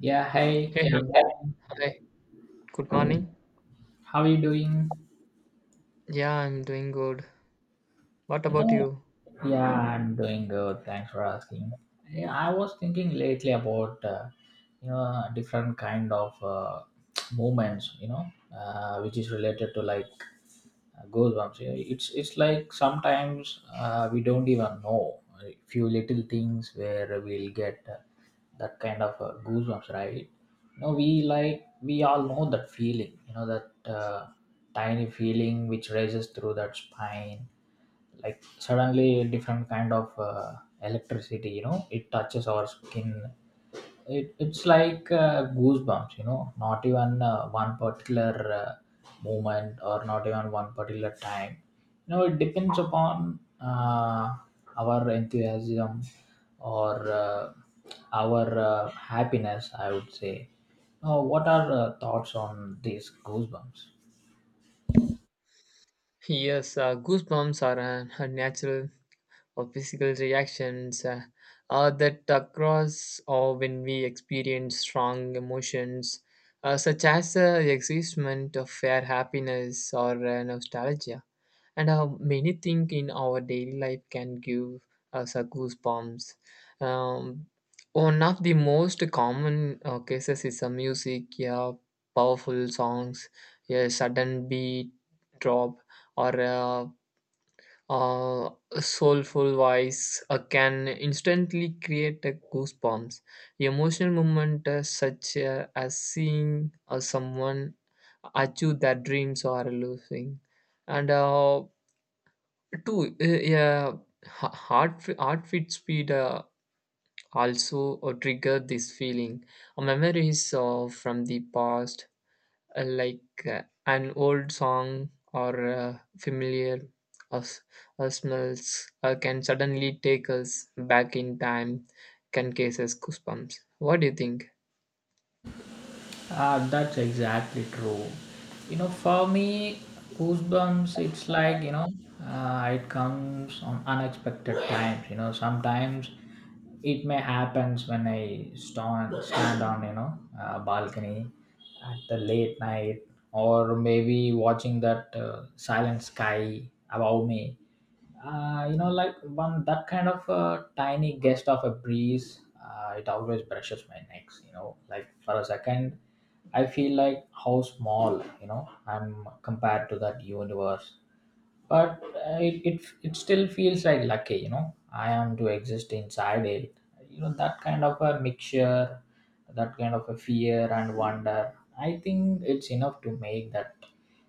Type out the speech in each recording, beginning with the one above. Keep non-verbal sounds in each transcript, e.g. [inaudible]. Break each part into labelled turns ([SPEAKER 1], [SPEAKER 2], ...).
[SPEAKER 1] Yeah, hey,
[SPEAKER 2] Hey, hi.
[SPEAKER 1] good
[SPEAKER 2] Yeah.
[SPEAKER 1] morning.
[SPEAKER 2] Hi. Good morning.
[SPEAKER 1] How are you doing?
[SPEAKER 2] Yeah, I'm doing good. What about
[SPEAKER 1] Oh,
[SPEAKER 2] you?
[SPEAKER 1] yeah, I'm doing good. Thanks for asking. Yeah, I was thinking lately about different kind of [tsk] movements, which is related to like goosebumps. Yeah, it's like sometimes we don't even know a few little things where we'll get that kind of goosebumps, right? No, we like we all know that feeling. You know that tiny feeling which raises through that spine, like suddenly a different kind of electricity. You know, it touches our skin it's like goosebumps, you know, not even one particular uh, moment, or not even one particular time. You know, it depends upon our enthusiasm, or our happiness, I would say. Now what are thoughts on these goosebumps?
[SPEAKER 2] Yes, goosebumps are a natural or physical reactions that across or when we experience strong emotions, such as the excitement of fair happiness or nostalgia. And how many things in our daily life can give us a goosebumps. Um, One of the most common cases is a music, yeah, powerful songs, a sudden beat drop, or a, uh soulful voice can instantly create a goosebumps. Emotional moment such as seeing someone achieve their dreams or losing and two, yeah, heart rate speed also trigger this feeling. Memories of from the past, like an old song or familiar uh, s- smells, can suddenly take us back in time. Can cases goosebumps. What do you think?
[SPEAKER 1] That's exactly true. You know, for me, goosebumps, it's like, you know, it comes on unexpected times. You know, sometimes it may happens when I stand on, you know, balcony at the late night, or maybe watching that silent sky above me. You know, like one that kind of a tiny gust of a breeze, it always brushes my necks, you know, like for a second I feel like how small, you know, I'm compared to that universe. But it still feels like lucky, you know, I am to exist inside it. You know, that kind of a mixture, that kind of a fear and wonder, I think it's enough to make that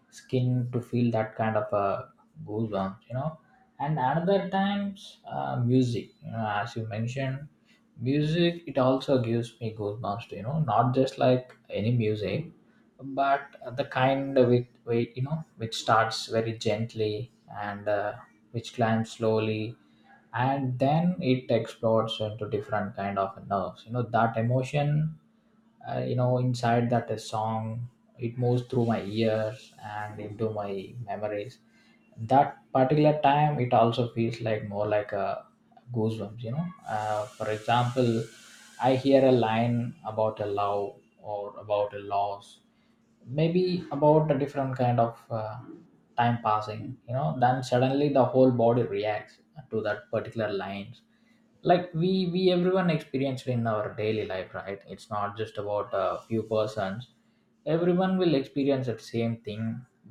[SPEAKER 1] skin to feel that kind of a goosebumps, you know. And another times, music, you know, as you mentioned, music, it also gives me goosebumps too. You know, not just like any music, but the kind with you know, which starts very gently, and which climbs slowly, and then it explodes into different kind of nerves, you know, that emotion you know, inside that a song, it moves through my ears and into my memories. That particular time it also feels like more like a goosebumps, you know. For example, I hear a line about a love or about a loss, maybe about a different kind of time passing, you know. Then suddenly the whole body reacts to that particular lines, like we everyone experienced in our daily life, right? It's not just about a few persons, everyone will experience that same thing,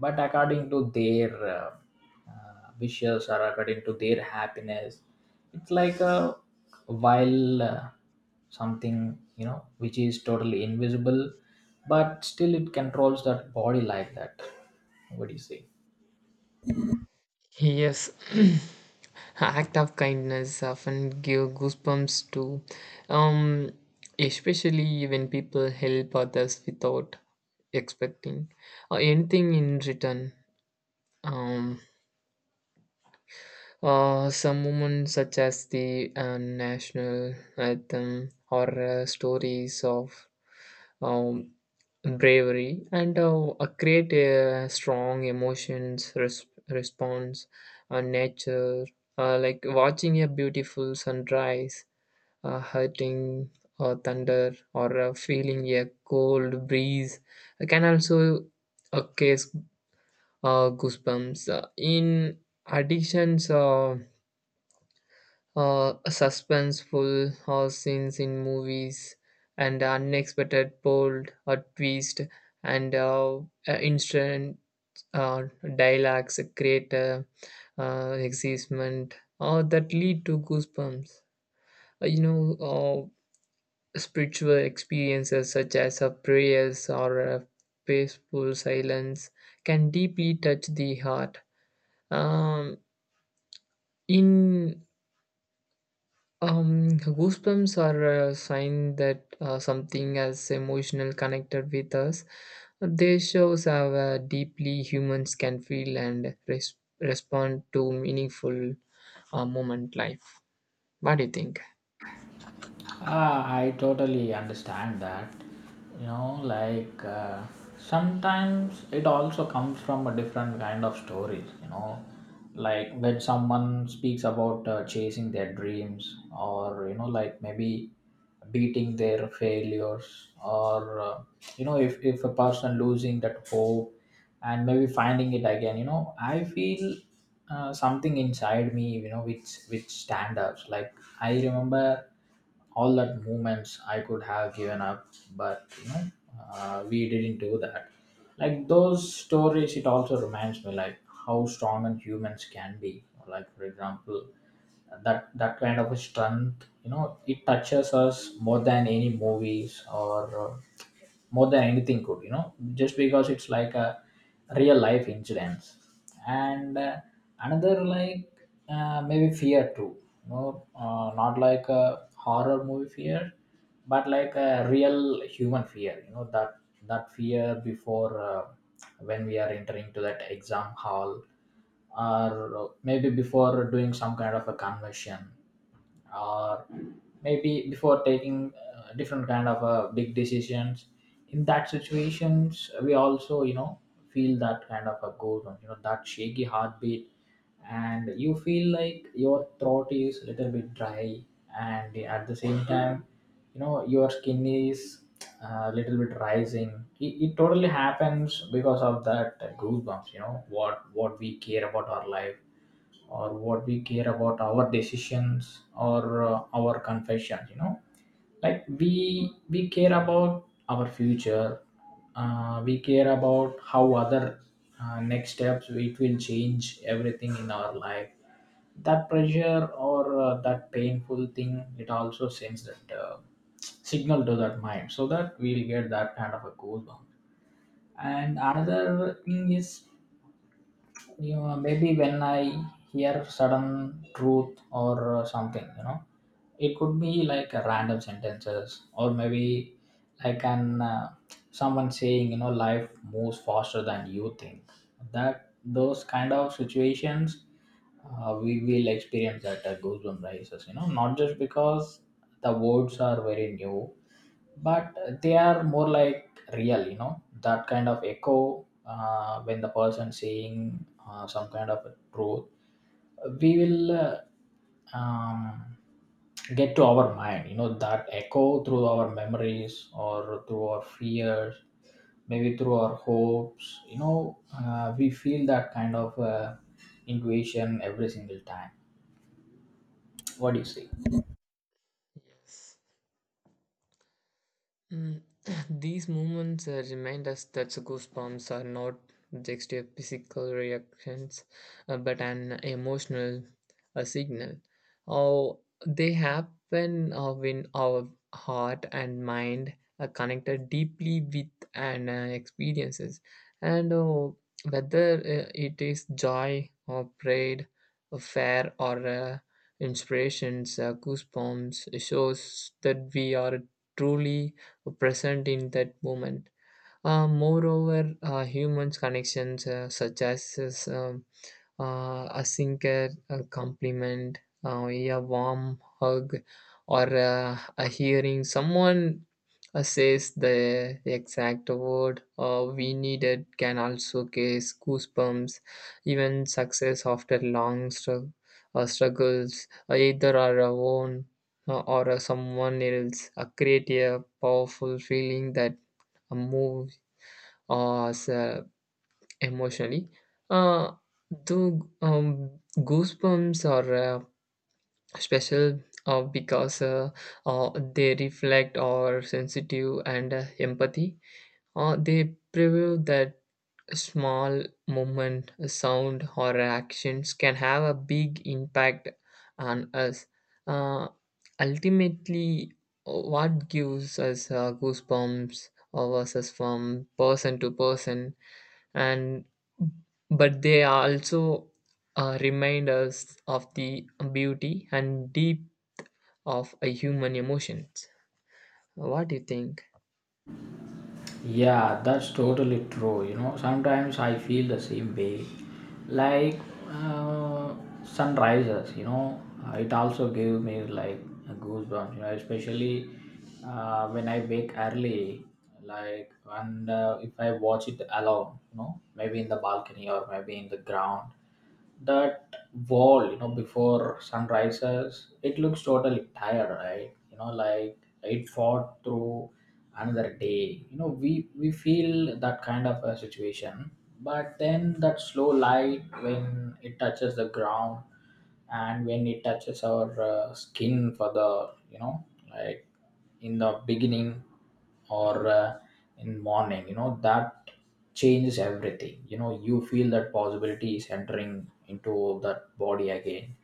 [SPEAKER 1] but according to their wishes, or according to their happiness. It's like a while, something you know, which is totally invisible, but still it controls that body like that. What do you say?
[SPEAKER 2] Yes, [clears throat] act of kindness often give goosebumps too, um, especially when people help others without expecting anything in return. Um, some moments such as the national anthem or stories of um, bravery and create a strong emotions response, nature like watching a beautiful sunrise, hurting thunder or feeling a cold breeze can also case goosebumps. In addictions, suspenseful scenes in movies and unexpected bold twist and instant uh, dialogues create excitement that lead to goosebumps. Uh, you know, uh, Spiritual experiences such as prayers or peaceful silence can deeply touch the heart. Um, in Goosebumps are a sign that something as emotional connected with us. They shows how deeply humans can feel and respond to meaningful moment life. What do you think?
[SPEAKER 1] I totally understand that. You know, like sometimes it also comes from a different kind of stories, you know, like when someone speaks about chasing their dreams, or, you know, like maybe beating their failures, or you know, if a person losing that hope and maybe finding it again, you know, I feel something inside me, you know, which stand out. Like I remember all that movements I could have given up, but you know, we didn't do that. Like those stories, it also reminds me like how strong and humans can be. Like for example, that kind of a strength, you know, it touches us more than any movies, or more than anything could, you know, just because it's like a real life incidents. And another like maybe fear too, you know. Not like a horror movie fear, but like a real human fear, you know, that that fear before when we are entering to that exam hall, or maybe before doing some kind of a conversion, or maybe before taking different kind of big decisions. In that situations we also, you know, feel that kind of a goosebumps, you know, that shaky heartbeat, and you feel like your throat is a little bit dry, and at the same time, you know, your skin is a little bit rising. It totally happens because of that goosebumps, you know, what we care about our life, or what we care about our decisions, or our confessions, you know, like we care about our future. We care about how other next steps it will change everything in our life. That pressure, or that painful thing, it also sends that signal to that mind, so that we'll get that kind of a goosebump. And another thing is, you know, maybe when I hear sudden truth, or something, you know, it could be like a random sentences, or maybe I can someone saying, you know, life moves faster than you think. That those kind of situations, we will experience that goosebump rises. You know, not just because the words are very new, but they are more like real, you know, that kind of echo when the person saying some kind of a truth, we will um, get to our mind, you know, that echo through our memories, or through our fears, maybe through our hopes, you know, we feel that kind of intuition every single time. What do you say?
[SPEAKER 2] Mm. [clears throat] These moments remind us that goosebumps are not just a physical reactions, but an emotional signal. Oh, they happen when our heart and mind are connected deeply with an experiences, and whether it is joy or pride, or fear or inspirations, goosebumps shows that we are truly present in that moment. Moreover, humans' connections, such as a sinker, a compliment, a warm hug, or a hearing someone says the exact word we needed can also cause goosebumps, even success after long struggles, either our own or someone else, create a powerful feeling that moves us, emotionally. Uh, though goosebumps are special because they reflect our sensitive and empathy. They prove that small movement, a sound, or actions can have a big impact on us. Uh, Ultimately, what gives us goosebumps versus from person to person, and but they also remind us of the beauty and deep of a human emotions. What do you think?
[SPEAKER 1] Yeah, that's totally true. You know, sometimes I feel the same way. Like uh, sunrises, you know, it also gave me like goosebumps. You know, especially when I wake early, like and if I watch it alone, you know, maybe in the balcony, or maybe in the ground, that wall, you know, before sun rises, it looks totally tired, right? You know, like it fought through another day, you know, we feel that kind of a situation. But then that slow light, when it touches the ground, and when it touches our skin for the, you know, like in the beginning, or in morning, you know, that changes everything. You know, you feel that possibility is entering into that body again,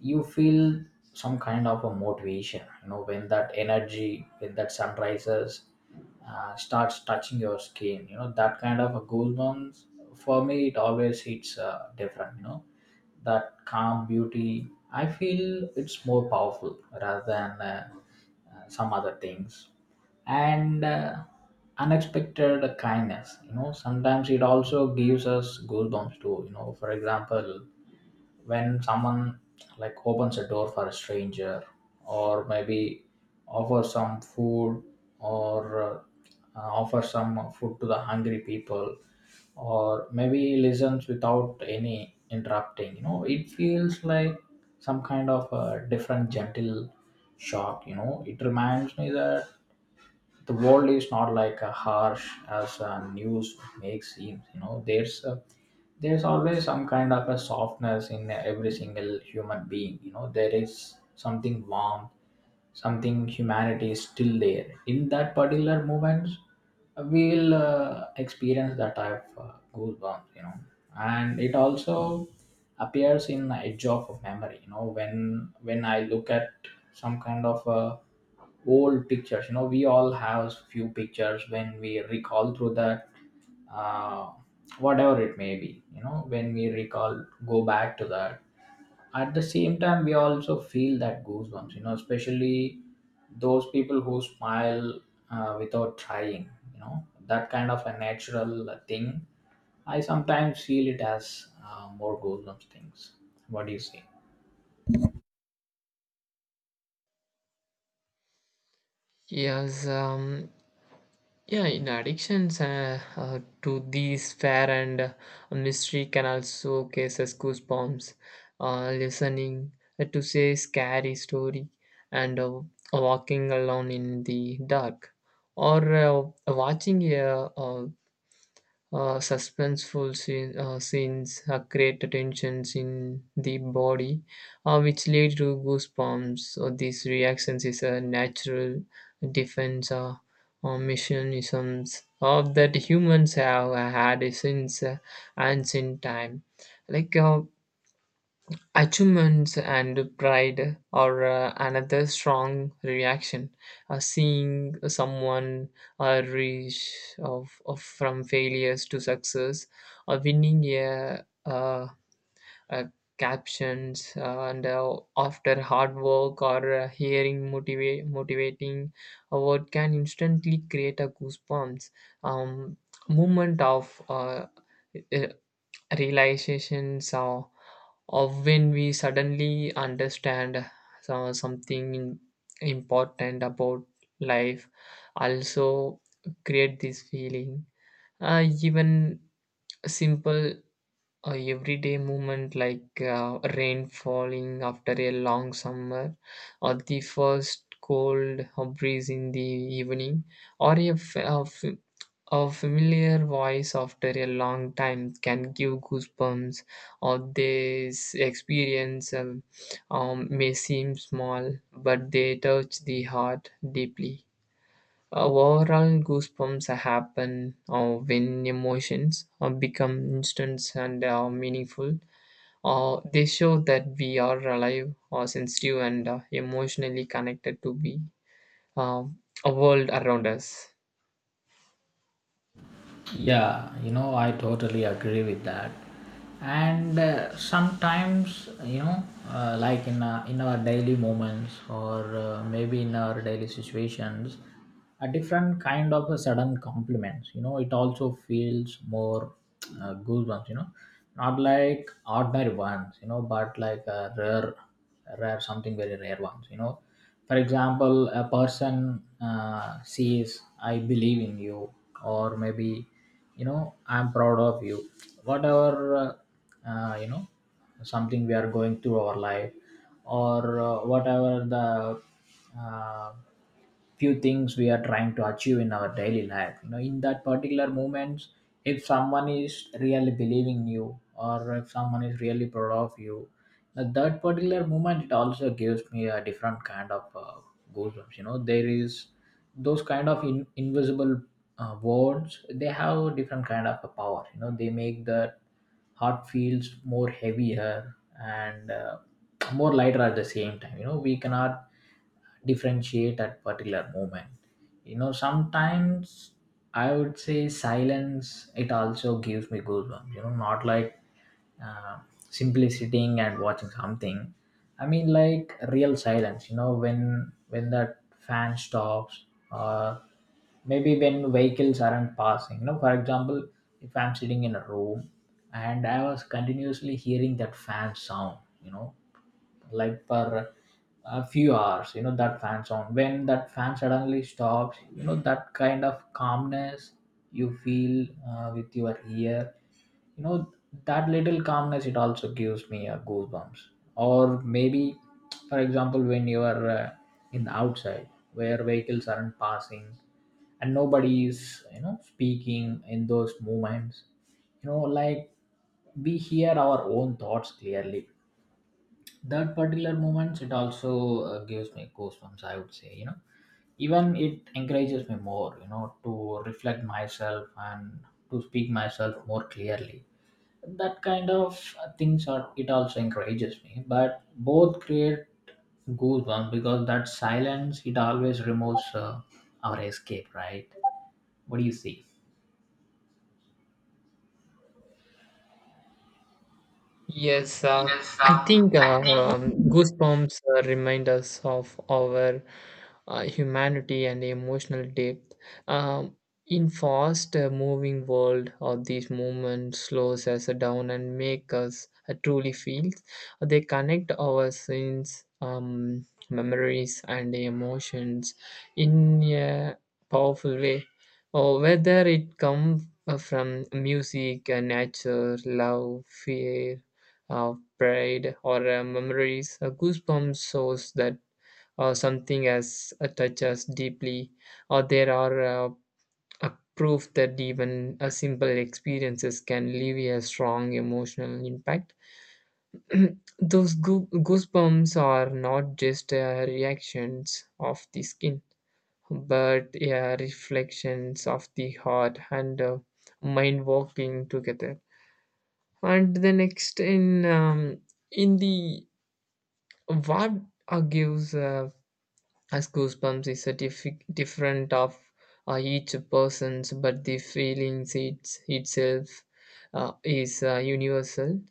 [SPEAKER 1] you feel some kind of a motivation, you know, when that energy, when that sun rises starts touching your skin, you know, that kind of a goosebumps, for me it always hits different, you know. That calm beauty, I feel it's more powerful rather than some other things. And unexpected kindness, you know, sometimes it also gives us goosebumps too, you know, for example, when someone like opens a door for a stranger, or maybe offer some food, or offer some food to the hungry people, or maybe listens without any interrupting, you know, it feels like some kind of a different gentle shock, you know. It reminds me that the world is not like a harsh as news makes seem, you know, there's always some kind of a softness in every single human being, you know, there is something warm, something humanity is still there in that particular moment, we will experience that type of goosebumps, you know. And it also appears in the edge of a memory, you know, when when I look at some kind of old pictures, you know, we all have few pictures, when we recall through that uh, whatever it may be, you know, when we recall go back to that, at the same time we also feel that goosebumps, you know, especially those people who smile without trying, you know, that kind of a natural thing, I sometimes feel it as more goosebumps things. What do you say?
[SPEAKER 2] Yes um yeah in addictions to these fair and mystery can also cases goosebumps. Listening to say scary story, and walking alone in the dark or watching a scenes create tensions in the body, which lead to goosebumps. So these reactions is a natural defense or mechanisms that humans have had since ancient time. Like uh, Achievements and pride are another strong reaction. Seeing someone reach of from failures to success, or winning a captions and after hard work or hearing motivating a word can instantly create a goosebumps. um, Moment of uh, realizations, or of when we suddenly understand something important about life also create this feeling. Even simple everyday movement like rain falling after a long summer or the first cold breeze in the evening or a familiar voice after a long time can give goosebumps, or this experience may seem small, but they touch the heart deeply. Overall, goosebumps happen when emotions become instant and meaningful. They show that we are alive, or sensitive, and emotionally connected to the um, world around us.
[SPEAKER 1] Yeah, you know, I totally agree with that. And sometimes, you know, like in our daily moments, or maybe in our daily situations, a different kind of a sudden compliments. You know, it also feels more goosebumps. You know, not like ordinary ones. You know, but like a rare, rare something very rare ones. You know, for example a person says I believe in you, or maybe, you know, I'm proud of you, whatever. You know, something we are going through our life, or whatever the uh, few things we are trying to achieve in our daily life, you know, in that particular moments, if someone is really believing you or if someone is really proud of you, at that particular moment it also gives me a different kind of goosebumps. You know, there is those kind of invisible words. They have different kind of a power, you know. They make the heart feels more heavier and more lighter at the same time. You know, we cannot differentiate at particular moment. You know, sometimes I would say silence, it also gives me goosebumps. You know, not like uh, simply sitting and watching something. I mean like real silence, you know, when that fan stops, or maybe when vehicles aren't passing. You know, for example, if I'm sitting in a room and I was continuously hearing that fan sound, you know, like for a few hours, you know, that fan sound, when that fan suddenly stops, you know, that kind of calmness you feel with your ear, you know, that little calmness, it also gives me a goosebumps. Or maybe, for example, when you are in the outside where vehicles aren't passing and nobody is, you know, speaking in those moments, you know, like, we hear our own thoughts clearly. That particular moments, it also gives me goosebumps, I would say. You know, even it encourages me more, you know, to reflect myself and to speak myself more clearly. That kind of things are, it also encourages me, but both create goosebumps, because that silence, it always removes our escape, right? What do you see?
[SPEAKER 2] Yes,
[SPEAKER 1] Yes,
[SPEAKER 2] I think goosebumps remind us of our humanity and emotional depth. Um, in fast moving world of these moments slows us down and make us truly feel. They connect our sins, memories, and emotions in a powerful way. Or whether it comes from music, nature, love, fear, pride, or memories. A goosebump shows that something has touched us deeply, or there are a proof that even a simple experiences can leave a strong emotional impact. [clears throat] Those goosebumps are not just reactions of the skin, but reflections of the heart and mind working together. And the next in the What gives us goosebumps is a different of each person's, but the feeling itself is universal.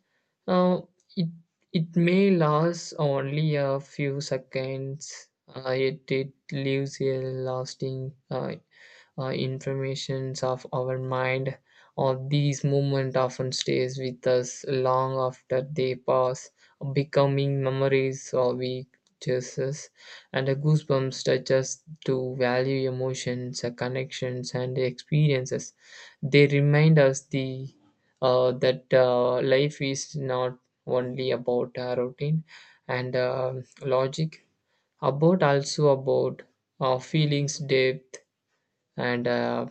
[SPEAKER 2] Uh, it it may last only a few seconds. It it leaves a lasting informations of our mind, or these movement often stays with us long after they pass, becoming memories or we cherish. And the goosebumps touch us to value emotions, connections and experiences. They remind us the that life is not only about routine and logic, about also about feelings depth and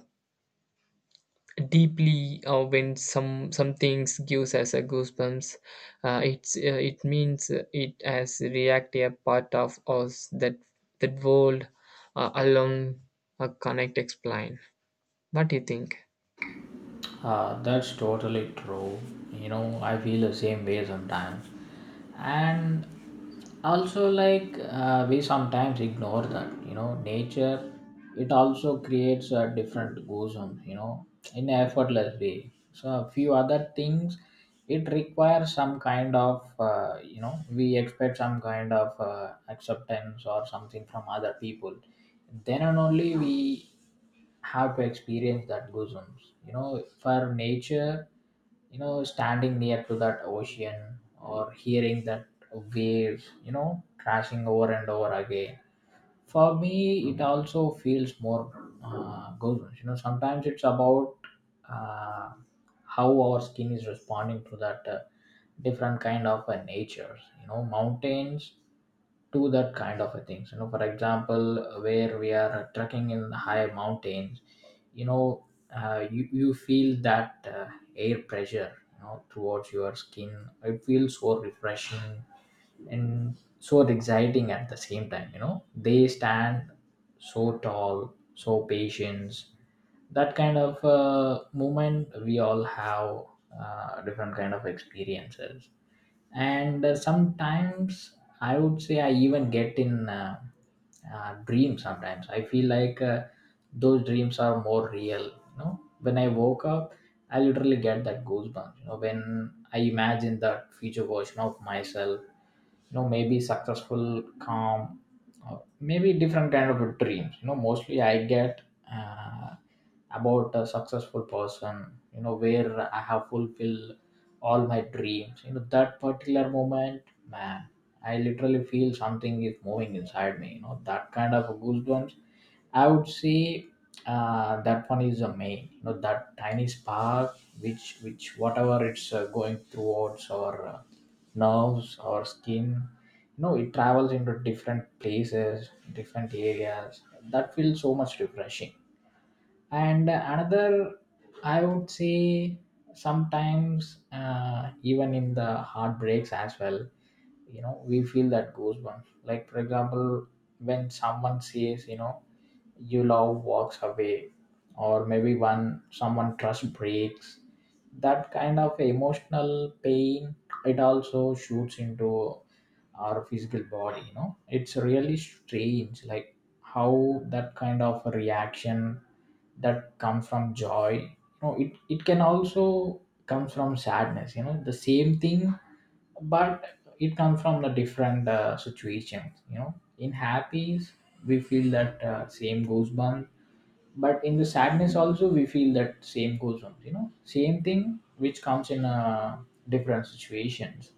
[SPEAKER 2] deeply, when some things gives us a goosebumps, it means it has react a part of us that that world alone connect explain. What do you think?
[SPEAKER 1] That's totally true. You know, I feel the same way sometimes. And also, like, we sometimes ignore that, you know, nature, it also creates a different goosebumps, you know, in an effortless way. So, a few other things, it requires some kind of, you know, we expect some kind of acceptance or something from other people. Then and only we have to experience that goosebumps. You know, for nature, you know, standing near to that ocean or hearing that waves, you know, crashing over and over again. For me, it also feels more goosebumps. You know, sometimes it's about uh, how our skin is responding to that different kind of natures. You know, mountains, to that kind of a things. You know, for example, where we are trekking in high mountains, you know, you feel that air pressure, you know, towards your skin. It feels so refreshing and so exciting at the same time. You know, they stand so tall, so patient. That kind of moment, we all have different kind of experiences. And sometimes I would say I even get in dreams. Sometimes I feel like those dreams are more real. You know, when I woke up, I literally get that goosebumps. You know, when I imagine that future version of myself, you know, maybe successful, calm, or maybe different kind of a dreams. You know, mostly I get uh, about a successful person, you know, where I have fulfilled all my dreams. You know, that particular moment, man, I literally feel something is moving inside me. You know, that kind of goosebumps. I would say that one is the main. You know, that tiny spark, which whatever it's going towards our nerves, our skin. You know, it travels into different places, different areas. That feels so much refreshing. And another, I would say, sometimes even in the heartbreaks as well. You know, we feel that goes one. Like, for example, when someone says, you know, you love walks away, or maybe one someone trust breaks, that kind of emotional pain, it also shoots into our physical body. You know, it's really strange, like, how that kind of reaction that comes from joy, you know, it can also comes from sadness. You know, the same thing, but it comes from the different situations. You know, in happies, we feel that same goosebumps, but in the sadness also we feel that same goosebumps. You know, same thing which comes in different situations.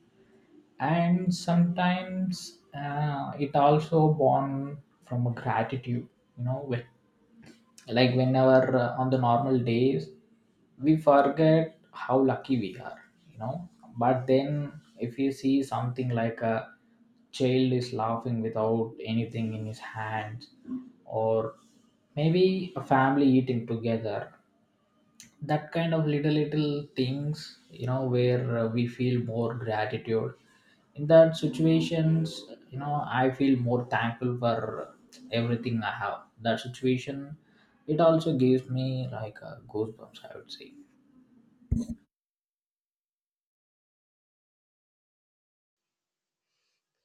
[SPEAKER 1] And sometimes it also born from a gratitude. You know, with, like, whenever on the normal days we forget how lucky we are. You know, but then, if you see something like a child is laughing without anything in his hands, or maybe a family eating together, that kind of little little things, you know, where we feel more gratitude in that situations. You know, I feel more thankful for everything I have. That situation, it also gives me like a goosebumps, I would say.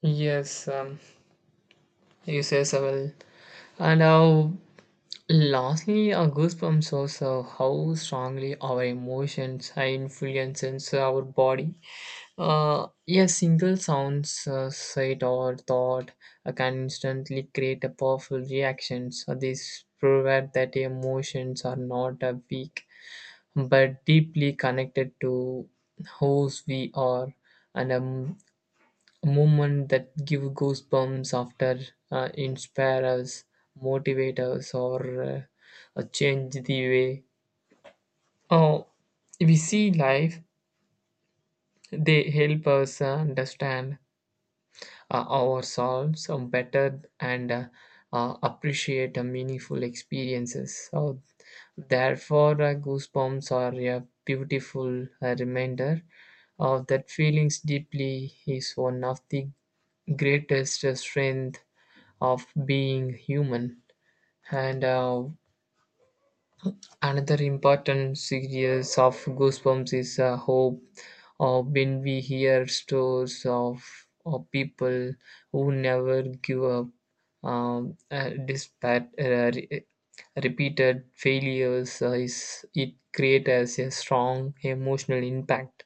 [SPEAKER 2] Yes, you say so well. And how lastly our goosebumps shows how strongly our emotions are influencing our body. A single sound, sight, or thought can instantly create a powerful reactions. So this proves that emotions are not weak but deeply connected to whose we are, and moment that give goosebumps after inspire us, motivate us, or change the way. Oh, we see life. They help us understand ourselves better and appreciate meaningful experiences. So, therefore, goosebumps are a beautiful reminder of that feelings deeply is one of the greatest strength of being human. And another important series of Goosebumps is a hope of when we hear stories of people who never give up despite repeated failures. It creates a strong emotional impact.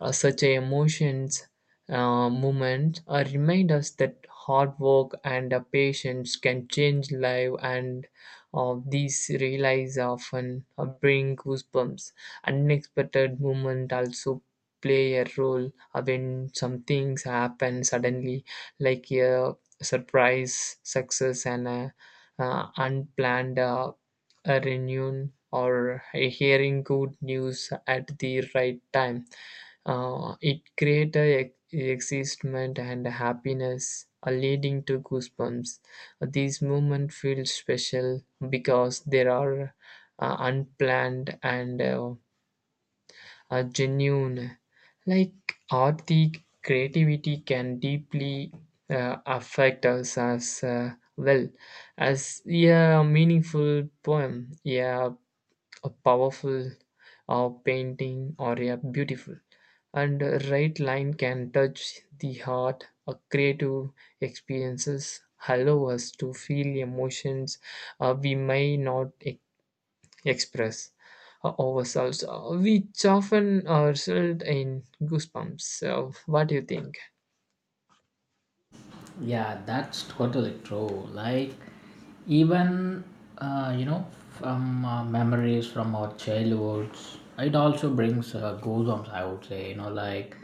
[SPEAKER 2] Such a emotions movement remind us that hard work and patience can change life, and these realize often bring goosebumps. Unexpected movement also play a role when some things happen suddenly, like a surprise success and a, unplanned a renewal or a hearing good news at the right time. It creates a excitement and happiness, leading to goosebumps. These moments feel special because they are unplanned and genuine. Like art, the creativity can deeply affect us as well as, yeah, a meaningful poem, yeah, a powerful painting or a beautiful and a right line can touch the heart. A creative experiences allow us to feel emotions we may not express ourselves, which often result in goosebumps. So what do you think?
[SPEAKER 1] Yeah, that's totally true. Like, even, you know, from memories from our childhoods, it also brings goosebumps, I would say. You know, like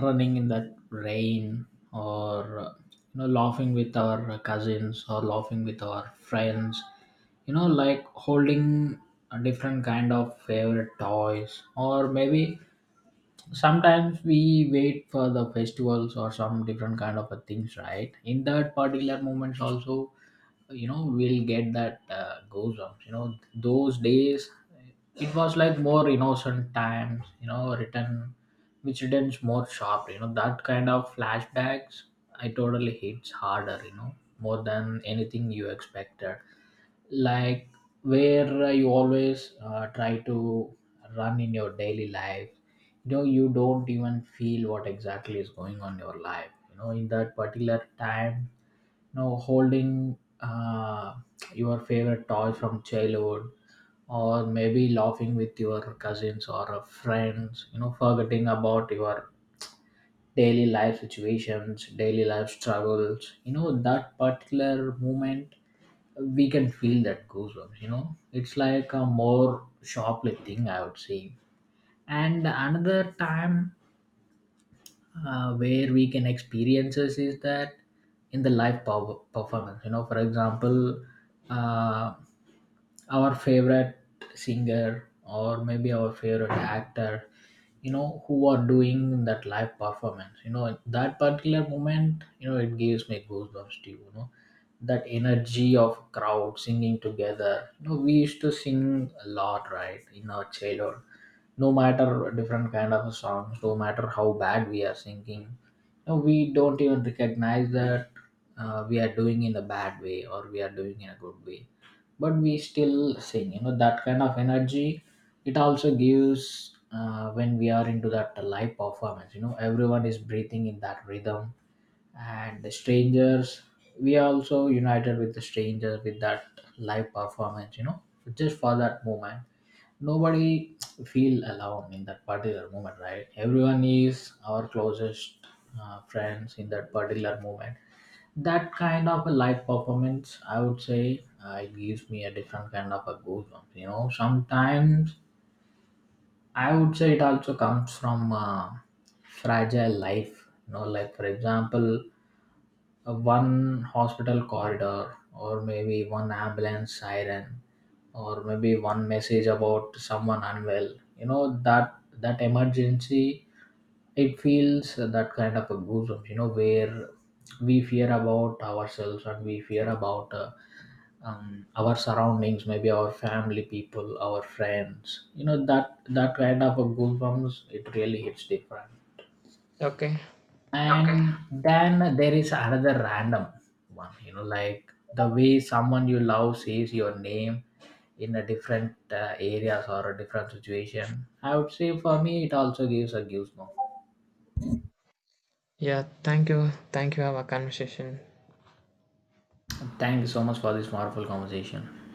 [SPEAKER 1] running in that rain, or, you know, laughing with our cousins or laughing with our friends, you know, like, holding a different kind of favorite toys, or maybe sometimes we wait for the festivals or some different kind of a things, right? In that particular moments also, you know, we'll get that goes on. You know, those days it was like more innocent times, you know, written, which returns more sharp. You know, that kind of flashbacks, I totally hits harder, you know, more than anything you expected. Like, where you always try to run in your daily life. You know, you don't even feel what exactly is going on in your life, you know, in that particular time. You know, holding your favorite toy from childhood, or maybe laughing with your cousins or friends, you know, forgetting about your daily life situations, daily life struggles. You know, that particular moment, we can feel that goosebumps. You know, it's like a more sharply thing, I would say. And another time where we can experiences is that in the live power performance. You know, for example, uh, our favorite singer or maybe our favorite actor, you know, who are doing that live performance, you know, that particular moment, you know, it gives me goosebumps too. You know, that energy of crowd singing together, you know, we used to sing a lot, right, in our childhood. No matter different kind of songs, no matter how bad we are singing, no, we don't even recognize that we are doing in a bad way or we are doing in a good way, but we still sing. You know, that kind of energy, it also gives when we are into that live performance. You know, everyone is breathing in that rhythm, and the strangers, we are also united with the strangers with that live performance. You know, just for that moment, nobody feel alone in that particular moment, right? Everyone is our closest friends in that particular moment. That kind of a live performance, I would say it gives me a different kind of a goosebumps. You know, sometimes I would say it also comes from fragile life. You know, like, for example, one hospital corridor, or maybe one ambulance siren, or maybe one message about someone unwell, you know, that that emergency, it feels that kind of a goosebumps. You know, where we fear about ourselves and we fear about our surroundings, maybe our family people, our friends. You know, that that kind of a goosebumps, it really hits different.
[SPEAKER 2] Okay.
[SPEAKER 1] Okay. And then there is another random one. You know, like the way someone you love says your name in a different areas or a different situation, I would say, for me it also gives a goosebump.
[SPEAKER 2] Yeah, thank you, thank you, have a conversation.
[SPEAKER 1] Thank you so much for this wonderful conversation.